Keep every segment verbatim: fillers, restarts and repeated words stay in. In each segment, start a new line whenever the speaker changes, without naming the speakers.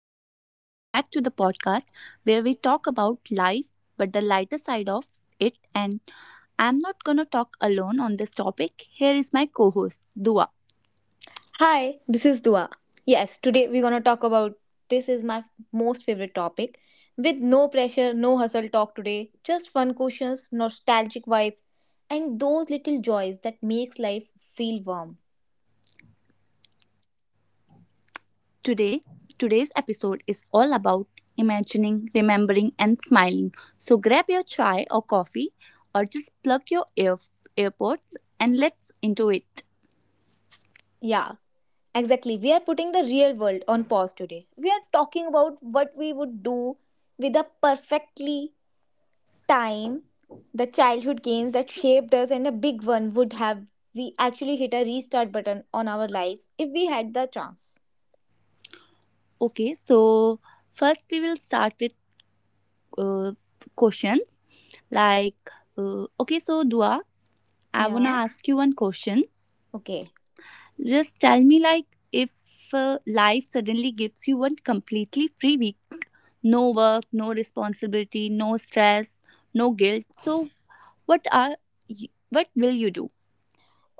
Bebo. Welcome back to the podcast where we talk about life but the lighter side of it. And I'm not gonna talk alone on this topic. Here is my co-host Dua.
Hi, this is Dua. Yes, today we're gonna talk about this is my most favorite topic. With no pressure, no hustle talk today, just fun questions, nostalgic vibes, and those little joys that makes life feel warm.
Today, today's episode is all about imagining, remembering, and smiling. So grab your chai or coffee, or just plug your ear earpods and let's into it.
Yeah, exactly. We are putting the real world on pause today. We are talking about what we would do with a perfectly time, the childhood games that shaped us, and a big one would have, we actually hit a restart button on our lives if we had the chance.
Okay, so first we will start with uh, questions like uh, okay, so Dua, I want
Yeah,
to ask you one question.
okay.
Just tell me, like, if uh, life suddenly gives you one completely free week, no work, no responsibility, no stress, no guilt, so what are y- what will you do?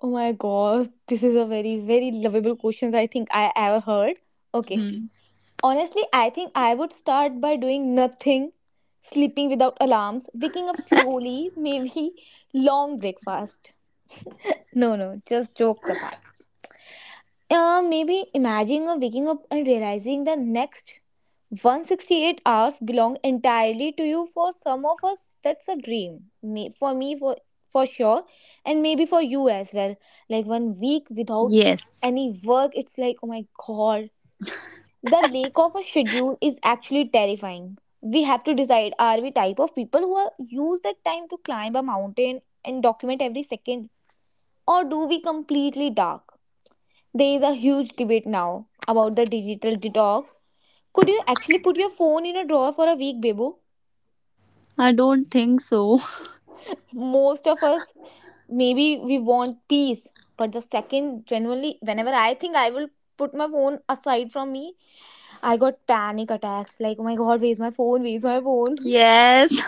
Oh my God, this is a very, very lovable question I think I ever heard. Okay.
Hmm.
Honestly, I think I would start by doing nothing, sleeping without alarms, waking up slowly, maybe long breakfast. No, no, just jokes apart. Uh, maybe imagining or waking up and realizing the next one hundred sixty-eight hours belong entirely to you. For some of us, that's a dream. Me, for me, for for sure, and maybe for you as well. Like one week without
Yes,
any work, it's like, oh my god, the lack of a schedule is actually terrifying. We have to decide: are we type of people who are, use that time to climb a mountain and document every second, or do we completely dark? There is a huge debate now about the digital detox. Could you actually put your phone in a drawer for a week, Bebo?
I don't think so.
Most of us, maybe we want peace, but the second, genuinely, whenever I think I will put my phone aside from me, I got panic attacks. Like, oh my god, where's my phone? Where's my phone?
yes.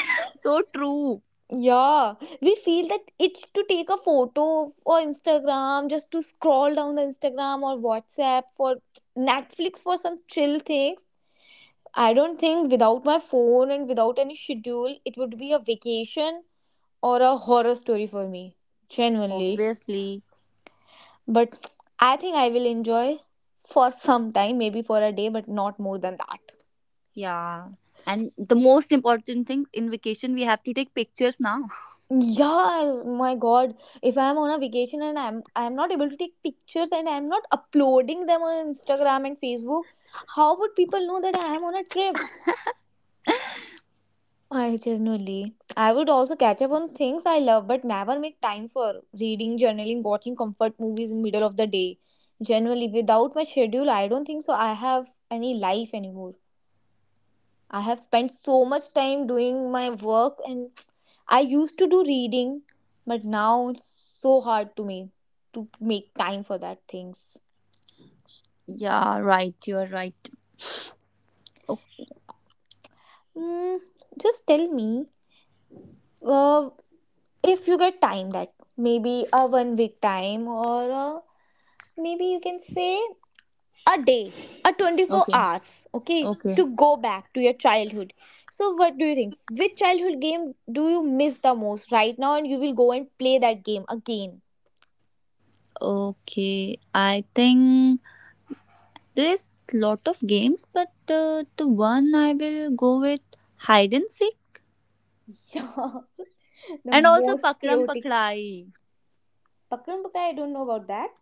so true.
Yeah, we feel that itch to take a photo for Instagram, just to scroll down the Instagram or WhatsApp for Netflix for some chill things. I don't think without my phone and without any schedule, it would be a vacation or a horror story for me, genuinely.
Obviously.
But I think I will enjoy for some time, maybe for a day, but not more than that.
Yeah. And the most important thing in vacation, we have to take pictures now.
Yeah, my God. If I'm on a vacation and I'm I'm not able to take pictures and I'm not uploading them on Instagram and Facebook, how would people know that I am on a trip? I genuinely. I would also catch up on things I love but never make time for reading, journaling, watching comfort movies in middle of the day. Generally, without my schedule, I don't think so I have any life anymore. I have spent so much time doing my work and I used to do reading, but now it's so hard to me to make time for that things.
Yeah, right. You are right. O-
Mm, just tell me, uh, if you get time that maybe a one week time or a, maybe you can say, a day, a twenty-four
Okay,
hours, okay,
okay,
to go back to your childhood. So what do you think, which childhood game do you miss the most right now and you will go and play that game again?
okay. I think there is lot of games, but uh, the one I will go with hide and seek,
Yeah, the
and also
most
pakram
chaotic.
pakrai.
Pakram pakai, I don't know about that.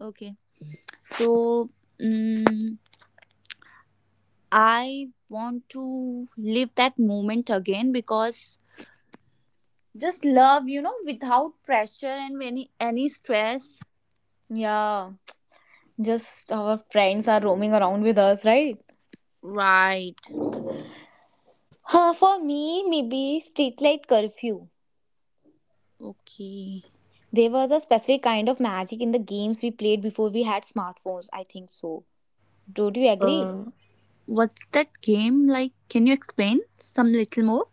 Okay, so mm I want to live that moment again because just love, you know, without pressure and any any stress.
Yeah, just our friends are roaming around with us, right?
Right.
Huh, for me, maybe streetlight curfew.
Okay.
There was a specific kind of magic in the games we played before we had smartphones. I think so. Don't you agree?
Uh, What's that game like? Can you explain some little more?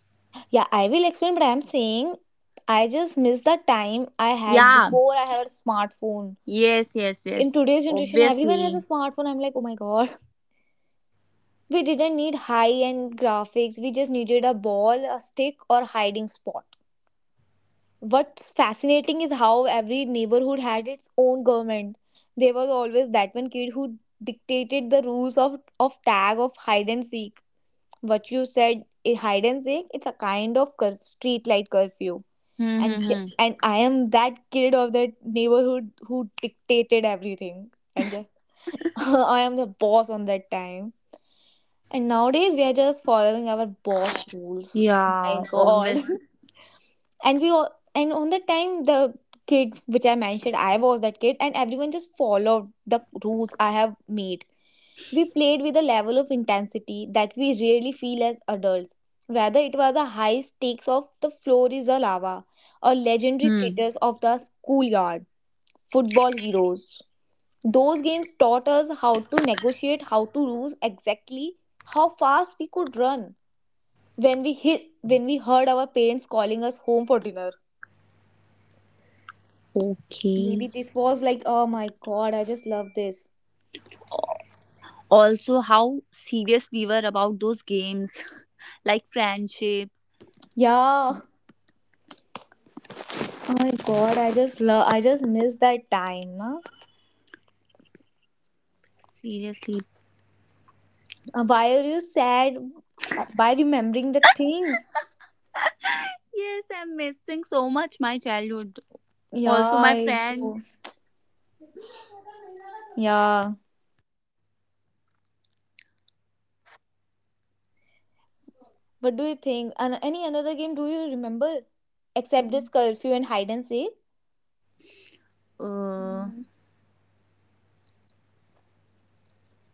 Yeah, I will explain, but I'm saying I just miss the time I had
Yeah.
before I have a smartphone.
Yes, yes,
In
yes.
today's generation, everyone has a
Obviously.
smartphone. I'm like, oh my god, we didn't need high end graphics, we just needed a ball, a stick, or hiding spot. What's fascinating is how every neighborhood had its own government. There was always that one kid who dictated the rules of, of tag of hide and seek. What you said, eh, hide and seek, it's a kind of curf- street light curfew,
Hmm, hmm,
and j-
hmm.
and I am that kid of that neighborhood who dictated everything and just I am the boss on that time. And nowadays we are just following our boss rules. My
Yeah,
God.
obviously.
And we all, and on the time the kid which I mentioned, I was that kid and everyone just followed the rules I have made. We played with a level of intensity that we rarely feel as adults, whether it was a high stakes of the floor is a lava or legendary
Hmm.
status of the schoolyard football heroes. Those games taught us how to negotiate, how to lose, exactly, how fast we could run when we hit, when we heard our parents calling us home for dinner. Maybe
Okay.
this was like, oh my god, I just love this.
Also, how serious we were about those games, like friendships.
Yeah. Oh my god, I just love, I just miss that time. Nah?
Seriously.
Uh, Why are you sad by remembering the things?
Yes, I'm missing so much my childhood. Also,
Yeah,
my
it's
friends.
true. Yeah. What do you think? And any another game do you remember except this curfew and hide and seek? Mm,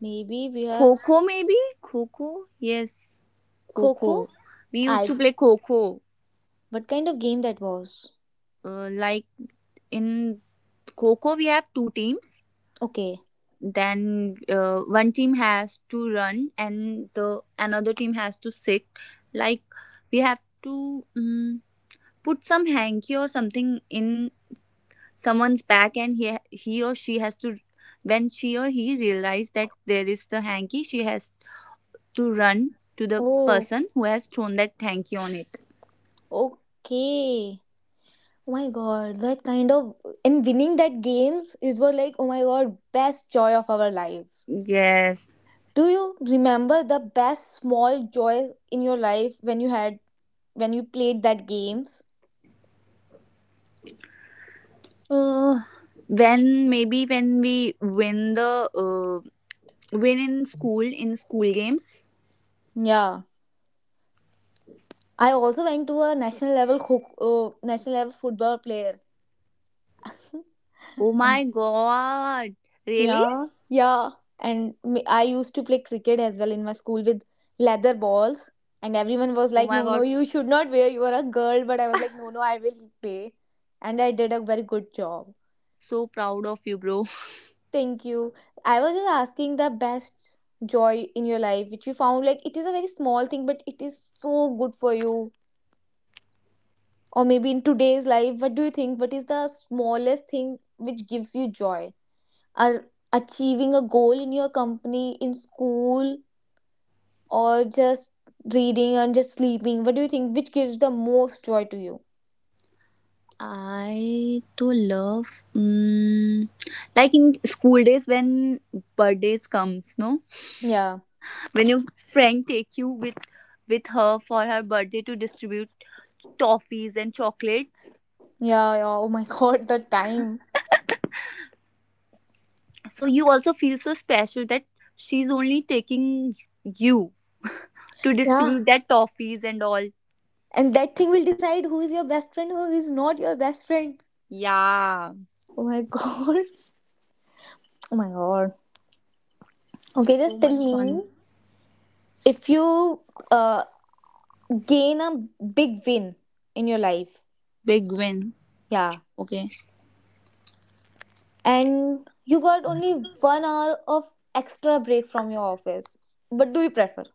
maybe we are
Coco, maybe? Coco? Yes.
Coco.
Coco. We used
I,
to play Coco.
what kind of game that was?
Uh, like in Coco, we have two teams.
Okay.
Then uh, one team has to run, and the another team has to sit. Like we have to um, put some hanky or something in someone's back, and he he or she has to. When she or he realizes that there is the hanky, she has to run to the
Oh,
person who has thrown that hanky on it.
okay. Oh my god, that kind of, and winning that games is was like oh my god, best joy of our lives.
Yes.
Do you remember the best small joys in your life when you had, when you played that games?
Uh, when maybe when we win the uh. Win in school, in school games.
Yeah. I also went to a national level hook, uh, national level football player.
Oh my god. Really?
Yeah, yeah. And me- I used to play cricket as well in my school with leather balls. And everyone was
Oh
like,
my
no, no,
god.
you should not wear. You are a girl. But I was like, no, no, I will play. And I did a very good job.
So proud of you, bro.
Thank you. I was just asking the best joy in your life, which you found like it is a very small thing, but it is so good for you. Or maybe in today's life, what do you think? What is the smallest thing which gives you joy? Are achieving a goal in your company, in school? Or just reading and just sleeping? What do you think? Which gives the most joy to you?
I to love mm, like in school days when birthdays comes, no?
Yeah.
When your friend take you with with her for her birthday to distribute toffees and chocolates.
Yeah, yeah. Oh my God, the time.
So you also feel so special that she's only taking you to
Yeah.
distribute that toffees and all.
And that thing will decide who is your best friend, who is not your best friend.
Yeah,
Oh my God. Oh my God. Okay,
so
just tell
much
me
fun.
if you uh, gain a big win in your life.
Big win.
Yeah.
Okay.
And you got only one hour of extra break from your office. What do you prefer?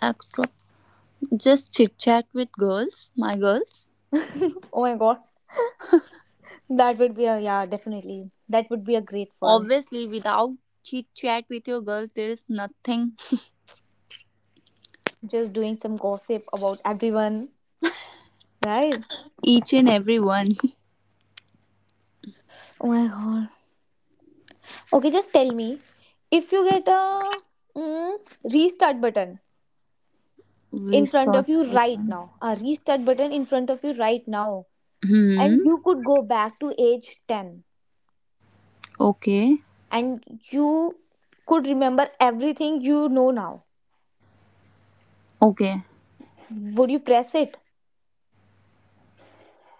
Extra. Just chit chat with girls, my girls.
Oh my God. That would be a, yeah, definitely. That would be a great fun.
Obviously, without chit chat with your girls, there is nothing.
Just doing some gossip about everyone, right?
Each and every one.
Oh my god. Okay, just tell me if you get a, mm, restart button
We
in front
start
of you
with
right
them.
now, a restart button in front of you right now, and
Hmm.
you could go back to age ten
Okay.
and you could remember everything you know now,
Okay.
would you press it?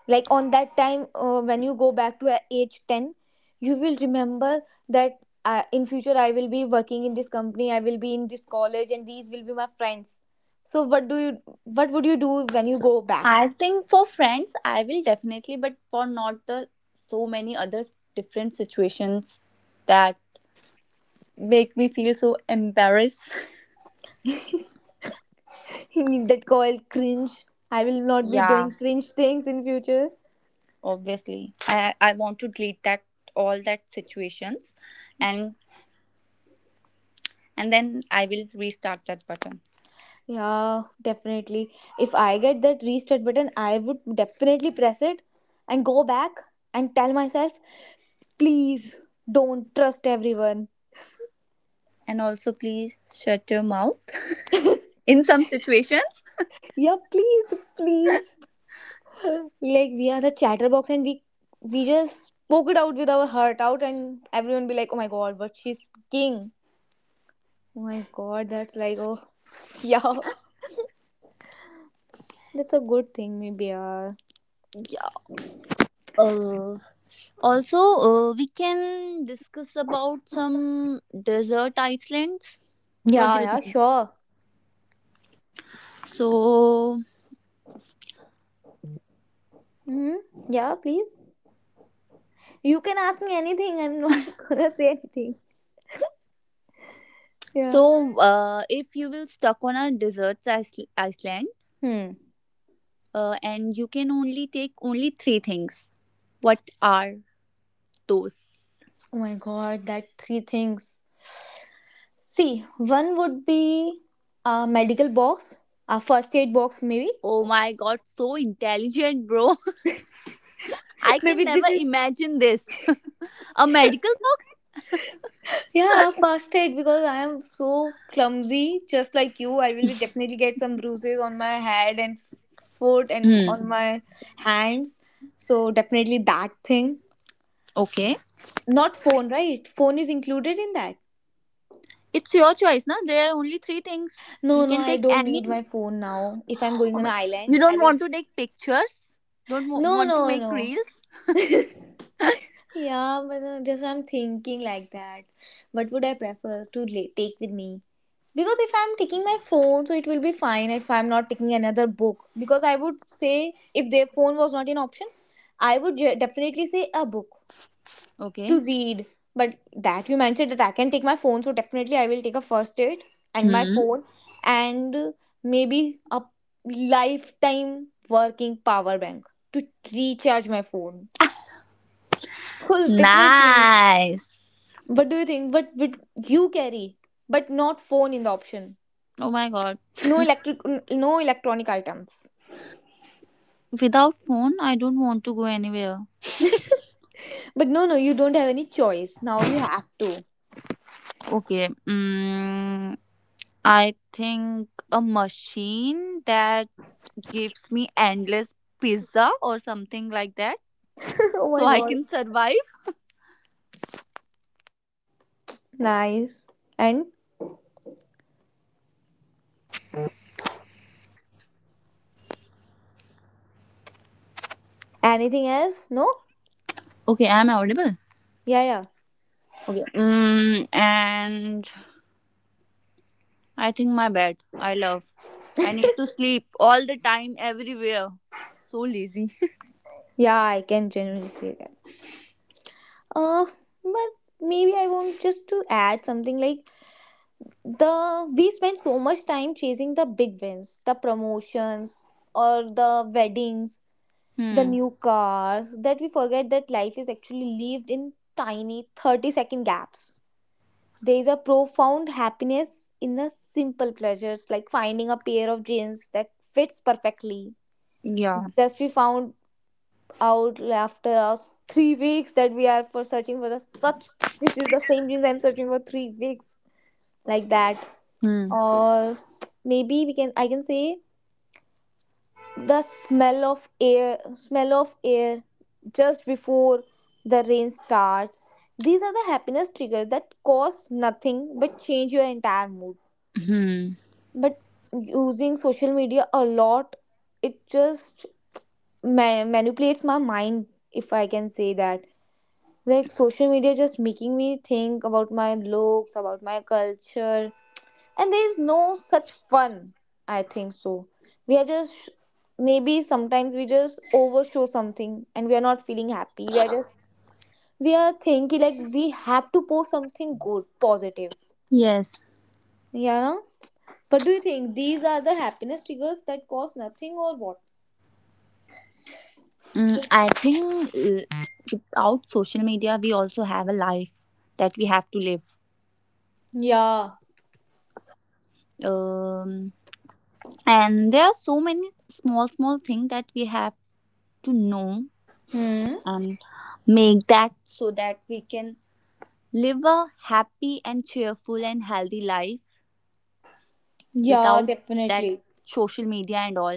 Like on that time, uh, when you go back to a- age ten, you will remember that, uh, in future I will be working in this company, I will be in this college and these will be my friends. So what do you, what would you do when you go back?
I think for friends, I will definitely, but for not the so many other different situations that make me feel so embarrassed.
That called cringe. I will not be
Yeah.
doing cringe things in future.
Obviously, i i want to delete that all that situations and and then I will restart that button.
Yeah, definitely. If I get that restart button, I would definitely press it and go back and tell myself, please, don't trust everyone.
And also please shut your mouth in some situations.
Yeah, please, please. Like we are the chatterbox and we we just spoke it out with our heart out and everyone be like, oh my god, but she's king. Oh my god, that's like oh, yeah. That's a good thing maybe, yeah.
Yeah. Uh, also, uh, we can discuss about some desert islands. What
Yeah,
do you
yeah,
think?
sure.
So,
Hmm. Yeah, please. You can ask me anything. I'm not gonna say anything. Yeah.
so uh, if you will stuck on a desert isl- island,
Hmm.
uh, and you can only take only three things. What are those?
Oh my god, that three things. See, one would be a medical box, a first aid box, maybe.
Oh my god, so intelligent, bro. I can
Maybe
never
this is.
imagine this. A medical box?
Yeah, first aid because I am so clumsy, just like you. I will be definitely get some bruises on my head and foot and
Hmm.
on my hands. So definitely that thing.
Okay.
Not phone, right? Phone is included in that.
It's your choice, na? There are only three things. You
No, no,
can
I
take
don't
any.
need my phone now. If I'm going
Oh
on an
my.
island,
You
I
don't
will.
want to take pictures? Don't wa-
No,
want to
no,
make
no.
reels?
Yeah, but uh, just I'm thinking like that. What would I prefer to la- take with me? Because if I'm taking my phone, so it will be fine if I'm not taking another book. Because I would say if their phone was not an option, I would ge- definitely say a book
Okay.
to read. But that you mentioned that I can take my phone, so definitely I will take a first aid and my
Hmm.
phone and, uh, maybe a lifetime working power bank to recharge my phone. Because definitely,
Nice.
what do you think? What would you carry? But not phone in the option.
Oh my god.
No electric, no electronic items.
Without phone, I don't want to go anywhere.
But no, no, you don't have any choice. Now you have to.
Okay. Mm, I think a machine that gives me endless pizza or something like that
Oh
so
my
I
god.
can survive.
Nice. And anything else? No?
Okay, I'm audible.
Yeah, yeah.
Okay. Mm, and I think my bed. I love. I need to sleep all the time, everywhere. So lazy.
Yeah, I can genuinely say that. Uh, but maybe I want just to add something like the we spend so much time chasing the big wins, the promotions, or the weddings, the
Hmm.
new cars, that we forget that life is actually lived in tiny thirty second gaps. There is a profound happiness in the simple pleasures, like finding a pair of jeans that fits perfectly.
Yeah.
Yeah, just we found out after us three weeks that we are for searching for the such, this is the same jeans I'm searching for three weeks, like that.
Hmm.
Or maybe we can I can say the smell of air, smell of air just before the rain starts, these are the happiness triggers that cost nothing but change your entire mood.
Hmm.
But using social media a lot, it just ma- manipulates my mind, if I can say that. Like, social media just making me think about my looks, about my culture, and there is no such fun, I think so. We are just, maybe sometimes we just overshow something and we are not feeling happy, we are just, we are thinking like we have to post something good, positive.
Yes.
Yeah, no? But do you think these are the happiness triggers that cost nothing or what?
Mm, I think uh, without social media, we also have a life that we have to live.
Yeah.
Um, and there are so many small, small things that we have to know
Hmm.
and make that so that we can live a happy and cheerful and healthy life
Yeah,
without that
definitely.
social media and all.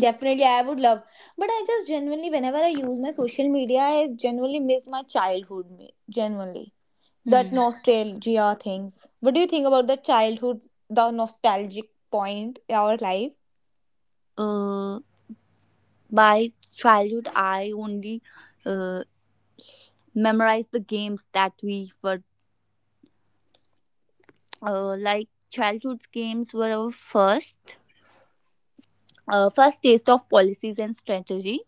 Definitely, I would love. But I just genuinely, whenever I use my social media, I genuinely miss my childhood me, genuinely,
Hmm.
that nostalgia things. What do you think about the childhood, the nostalgic point in our life?
Uh, by childhood, I only uh, memorized the games that we were uh, like childhood's games were our first uh, first taste of policies and strategy.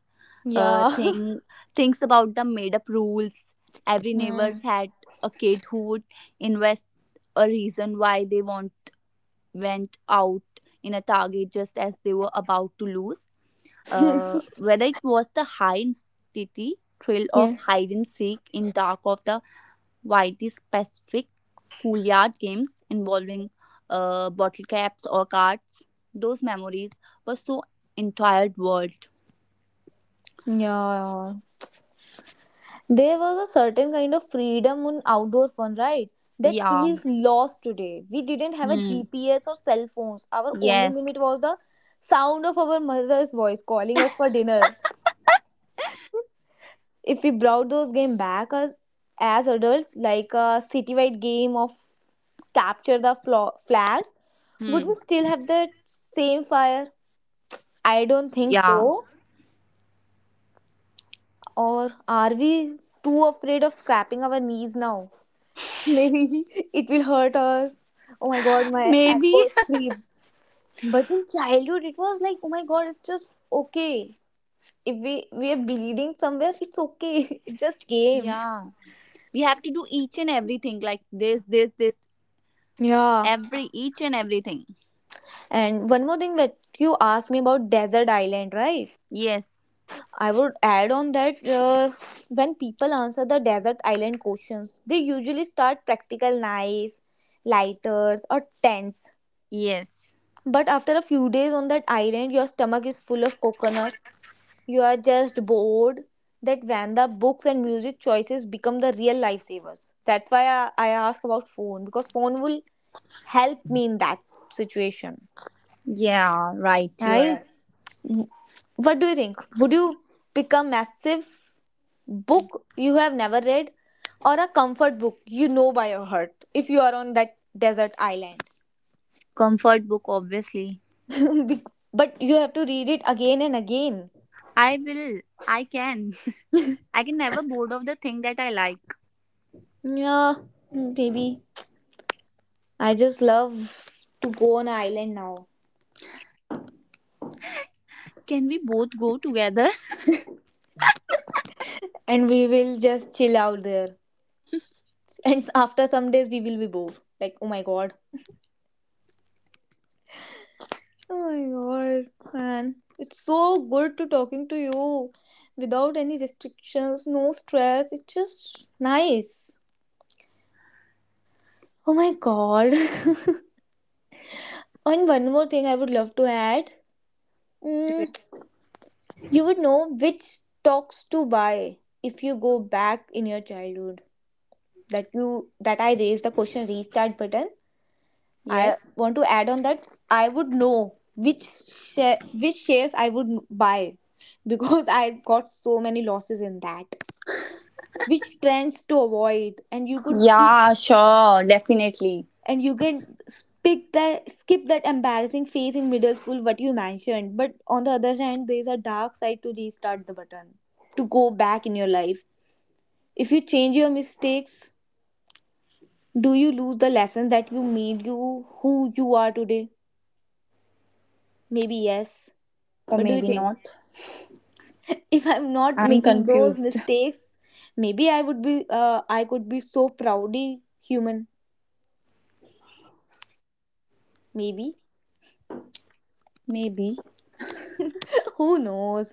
Uh,
Yeah.
thing things about the made up rules. Every neighbors
Hmm.
had a kid who would invest a reason why they want went out in a target just as they were about to lose. Uh, whether it was the high intensity thrill of
Yeah.
hide and seek in dark of the widest Pacific schoolyard games involving uh, bottle caps or cards, those memories were so entire world.
Yeah. There was a certain kind of freedom in outdoor fun, right? That
Yeah.
feels lost today. We didn't have a
Hmm.
G P S or cell phones. Our only
Yes.
limit was the sound of our mother's voice calling us for dinner. If we brought those games back as, as adults, like a citywide game of capture the flo- flag, would
Hmm.
we still have that same fire? I don't think
Yeah.
so. Or are we too afraid of scraping our knees now? Maybe it will hurt us. Oh my god, my
Maybe.
elbows creep. But in childhood, it was like, oh my god, it's just okay. If we, we are bleeding somewhere, it's okay. It just came.
Yeah. We have to do each and everything like this, this, this,
Yeah.
every each and everything.
And one more thing that you asked me about Desert Island, right?
Yes.
I would add on that uh, when people answer the desert island questions, they usually start practical knives, lighters, or tents.
Yes.
But after a few days on that island, your stomach is full of coconut. You are just bored. That when the books and music choices become the real lifesavers. That's why I, I ask about phone, because phone will help me in that situation,
Yeah, right. You're
right?
right.
What do you think? Would you pick a massive book you have never read, or a comfort book you know by your heart, if you are on that desert island?
Comfort book, obviously.
Be- but you have to read it again and again.
I will. I can. I can never bored of the thing that I like.
Yeah, maybe. I just love to go on an island now,
Can we both go together?
and we will just chill out there. And after some days, we will be bored. Like, oh my god. Oh my god, man, it's so good to talking to you without any restrictions, no stress. It's just nice. Oh my god. And one more thing I would love to add. Mm, you would know which stocks to buy if you go back in your childhood. That you, that I raised the question, restart button.
Yes.
I want to add on that, I would know which share, which shares I would buy, because I got so many losses in that. Which trends to avoid, and you could speak,
Yeah, sure. Definitely.
and you can speak that, skip that embarrassing phase in middle school, what you mentioned. But on the other hand, there is a dark side to restart the button, to go back in your life. If you change your mistakes, do you lose the lesson that you made you who you are today? Maybe yes.
Or
What do you
maybe
think?
not.
If I'm not
I'm
making those
confused.
mistakes, maybe I would be uh, I could be so proudly human, maybe.
Maybe.
Who knows?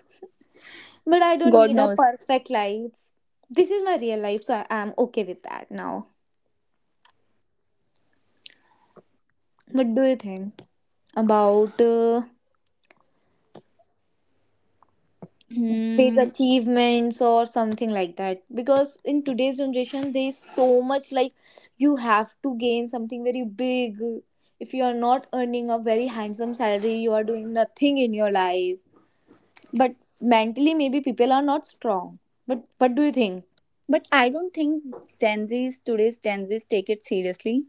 But I don't
God
need a
knows.
perfect life. This is my real life, so I am okay with that now. What do you think about uh, big
Hmm.
achievements or something like that? Because in today's generation, there is so much like you have to gain something very big. If you are not earning a very handsome salary, you are doing nothing in your life. But mentally, maybe people are not strong. But what do you think?
But I don't think Gen Z's, today's Gen Z's take it seriously.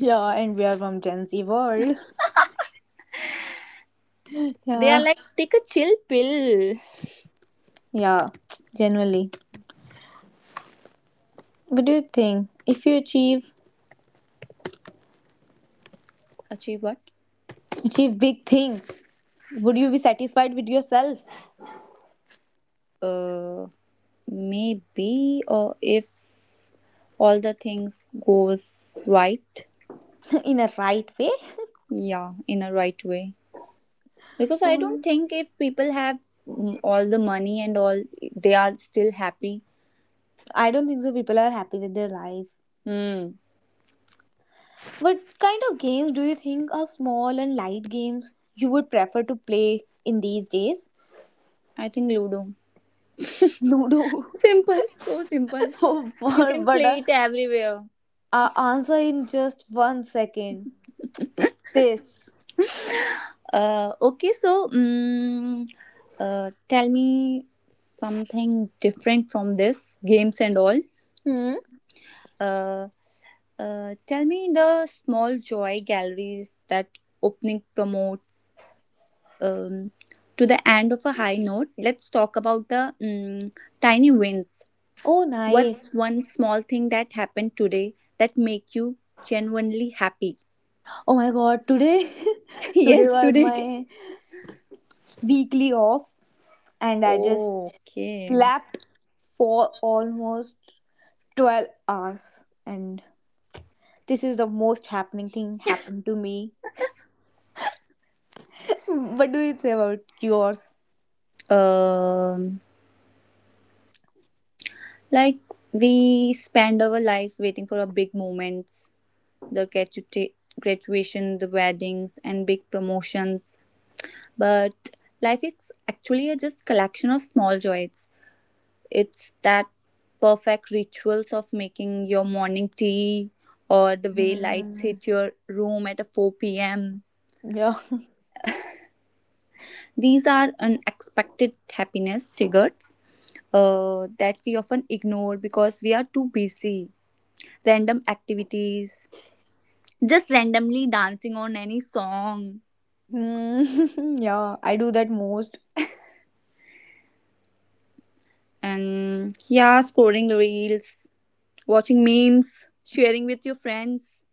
Yeah, and we are from Gen Z world.
They are
Yeah.
like, take a chill pill.
Yeah, generally. What do you think? If you achieve
Achieve what?
achieve big things, would you be satisfied with yourself
Uh, maybe or if all the things goes right,
in a right way?
yeah, in a right way. Because I don't
Mm.
think if people have mm, all the money and all, they are still happy.
I don't think so people are happy with their life.
Hmm.
What kind of games do you think are small and light games you would prefer to play in these days?
I think ludo.
Ludo.
Simple, so simple.
Oh,
You can
but
play
uh,
it everywhere.
uh, answer in just one second. This.
Uh okay, so mm uh tell me something different from this games and all.
Hmm.
uh uh, tell me the small joy galleries that opening promotes um, to the end of a high note. Let's talk about the mm tiny wins.
Oh,
What's
nice.
one small thing that happened today that make you genuinely happy?
Oh my God. Today, today
Yes,
was
today.
my weekly off, and I just
Okay.
slept for almost twelve hours, and this is the most happening thing happened to me. What do you say about yours?
Um, like we spend our lives waiting for our big moments, the gratu- graduation, the weddings, and big promotions. But life is actually a just collection of small joys. It's that perfect rituals of making your morning tea or the way lights
Hmm.
hit your room at four p m.
Yeah.
These are unexpected happiness triggers uh, that we often ignore because we are too busy. Random activities, just randomly dancing on any song,
Hmm. Yeah, I do that most.
and yeah, scrolling reels, watching memes, sharing with your friends.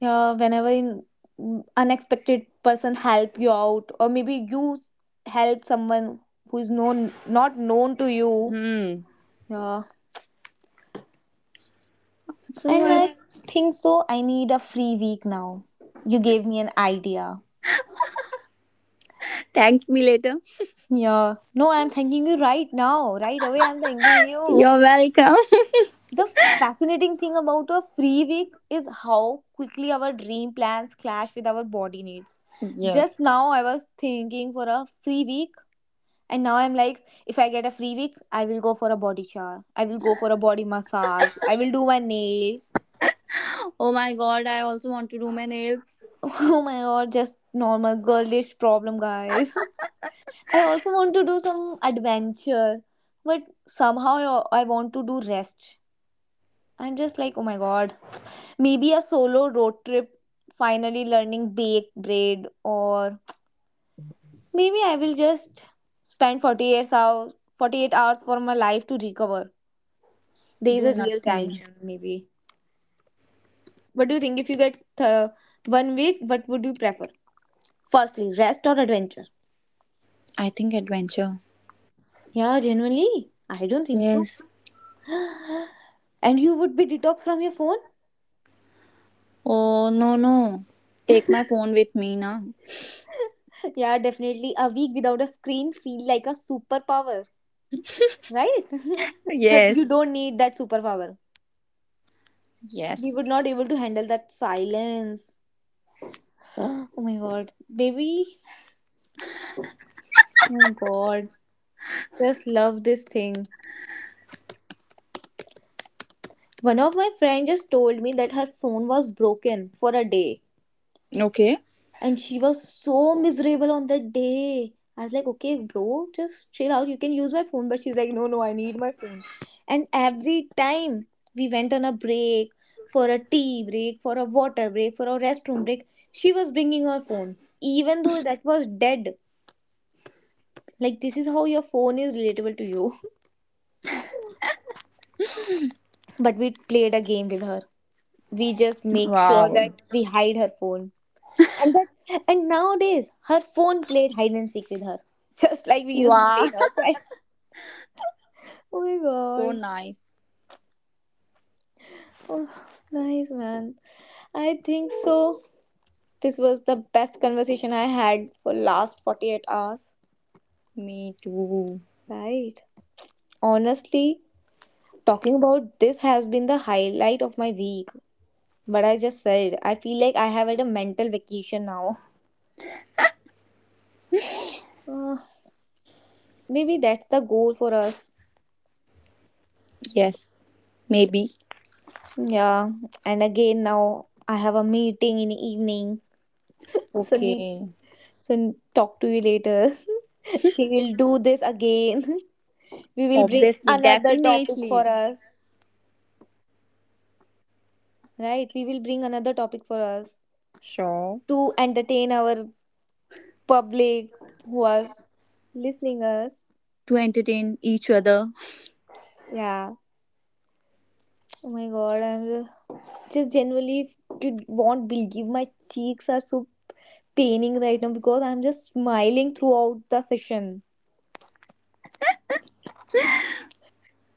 Yeah, whenever in mm, unexpected person help you out, or maybe you s- help someone who is known, not known to you.
Hmm.
Yeah.
So
And
what?
I think so, I need a free week now. You gave me an idea.
Thanks me later.
Yeah. No, I'm thanking you right now. Right away, I'm thanking you.
You're welcome.
The fascinating thing about a free week is how quickly our dream plans clash with our body needs. Just
Yes.
now, I was thinking for a free week, and now I'm like, if I get a free week, I will go for a body shower. I will go for a body massage. I will do my nails.
Oh my god, I also want to do my nails.
Oh my god, just normal girlish problem, guys. I also want to do some adventure, but somehow I I want to do rest. I'm just like, oh my god, maybe a solo road trip, finally learning baked bread, or maybe I will just spend forty-eight hours, forty-eight hours for my life to recover. There is
Do
a real
nothing.
tension, maybe. What do you think? If you get uh, one week, what would you prefer? Firstly, rest or adventure?
I think adventure.
Yeah, genuinely, I don't think so.
Yes.
And you would be detoxed from your phone?
Oh, no, no. Take my phone with me now.
Yeah, definitely. A week without a screen feel like a superpower. Right. But you
Yes.
don't need that superpower. We
Yes.
would not able to handle that silence. Oh my god, maybe. Oh my god, just love this thing. One of my friends just told me that her phone was broken for a day,
Okay.
and she was so miserable on that day. I was like, okay bro, just chill out, you can use my phone, but she's like, no, no, I need my phone. And every time we went on a break, for a tea break, for a water break, for a restroom break, she was bringing her phone, even though that was dead. Like, this is how your phone is relatable to you. But we played a game with her, we just make sure
Wow.
that we hide her phone. And that, and nowadays her phone played hide and seek with her. Just like we used to play
Wow.
in our child. Oh my
So
god.
nice.
Oh, nice man. I think so, this was the best conversation I had for last forty-eight hours.
Me too.
Right. Honestly, talking about this has been the highlight of my week. But I just said, I feel like I have had a mental vacation now. Uh, Maybe that's the goal for us.
Yes. Maybe.
Yeah. And again, now I have a meeting in the evening, so Sunny,
Okay.
so talk to you later. We will do this again. We will bring
Obviously,
another topic
definitely.
for us. Right? We will bring another topic for us
Sure.
to entertain our public who are listening us.
To entertain each other.
Yeah. Oh my god, I'm just, just genuinely, you won't believe my cheeks are so paining right now because I'm just smiling throughout the session.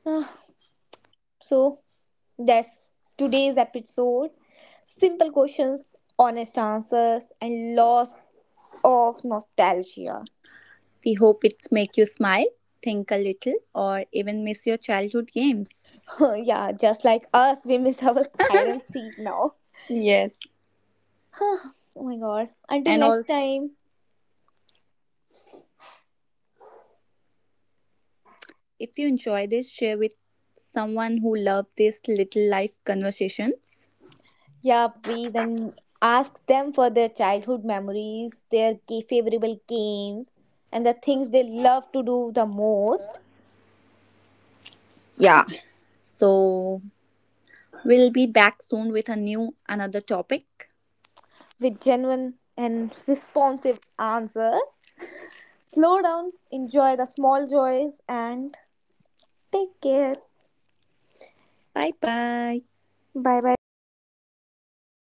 So that's today's episode. Simple questions, honest answers, and lots of nostalgia.
We hope it's make you smile, think a little, or even miss your childhood games.
Yeah, just like us, we miss our hide and seek now.
Yes.
Oh my god. Until
And
next
also,
time,
if you enjoy this, share with someone who loves these little life conversations.
yeah, please, and ask them for their childhood memories, their ga- favorable games, and the things they love to do the most,
Yeah. So we'll be back soon with a new another topic.
with genuine and responsive answers. Slow down, enjoy the small joys, and take care.
Bye bye.
Bye bye, guys. See you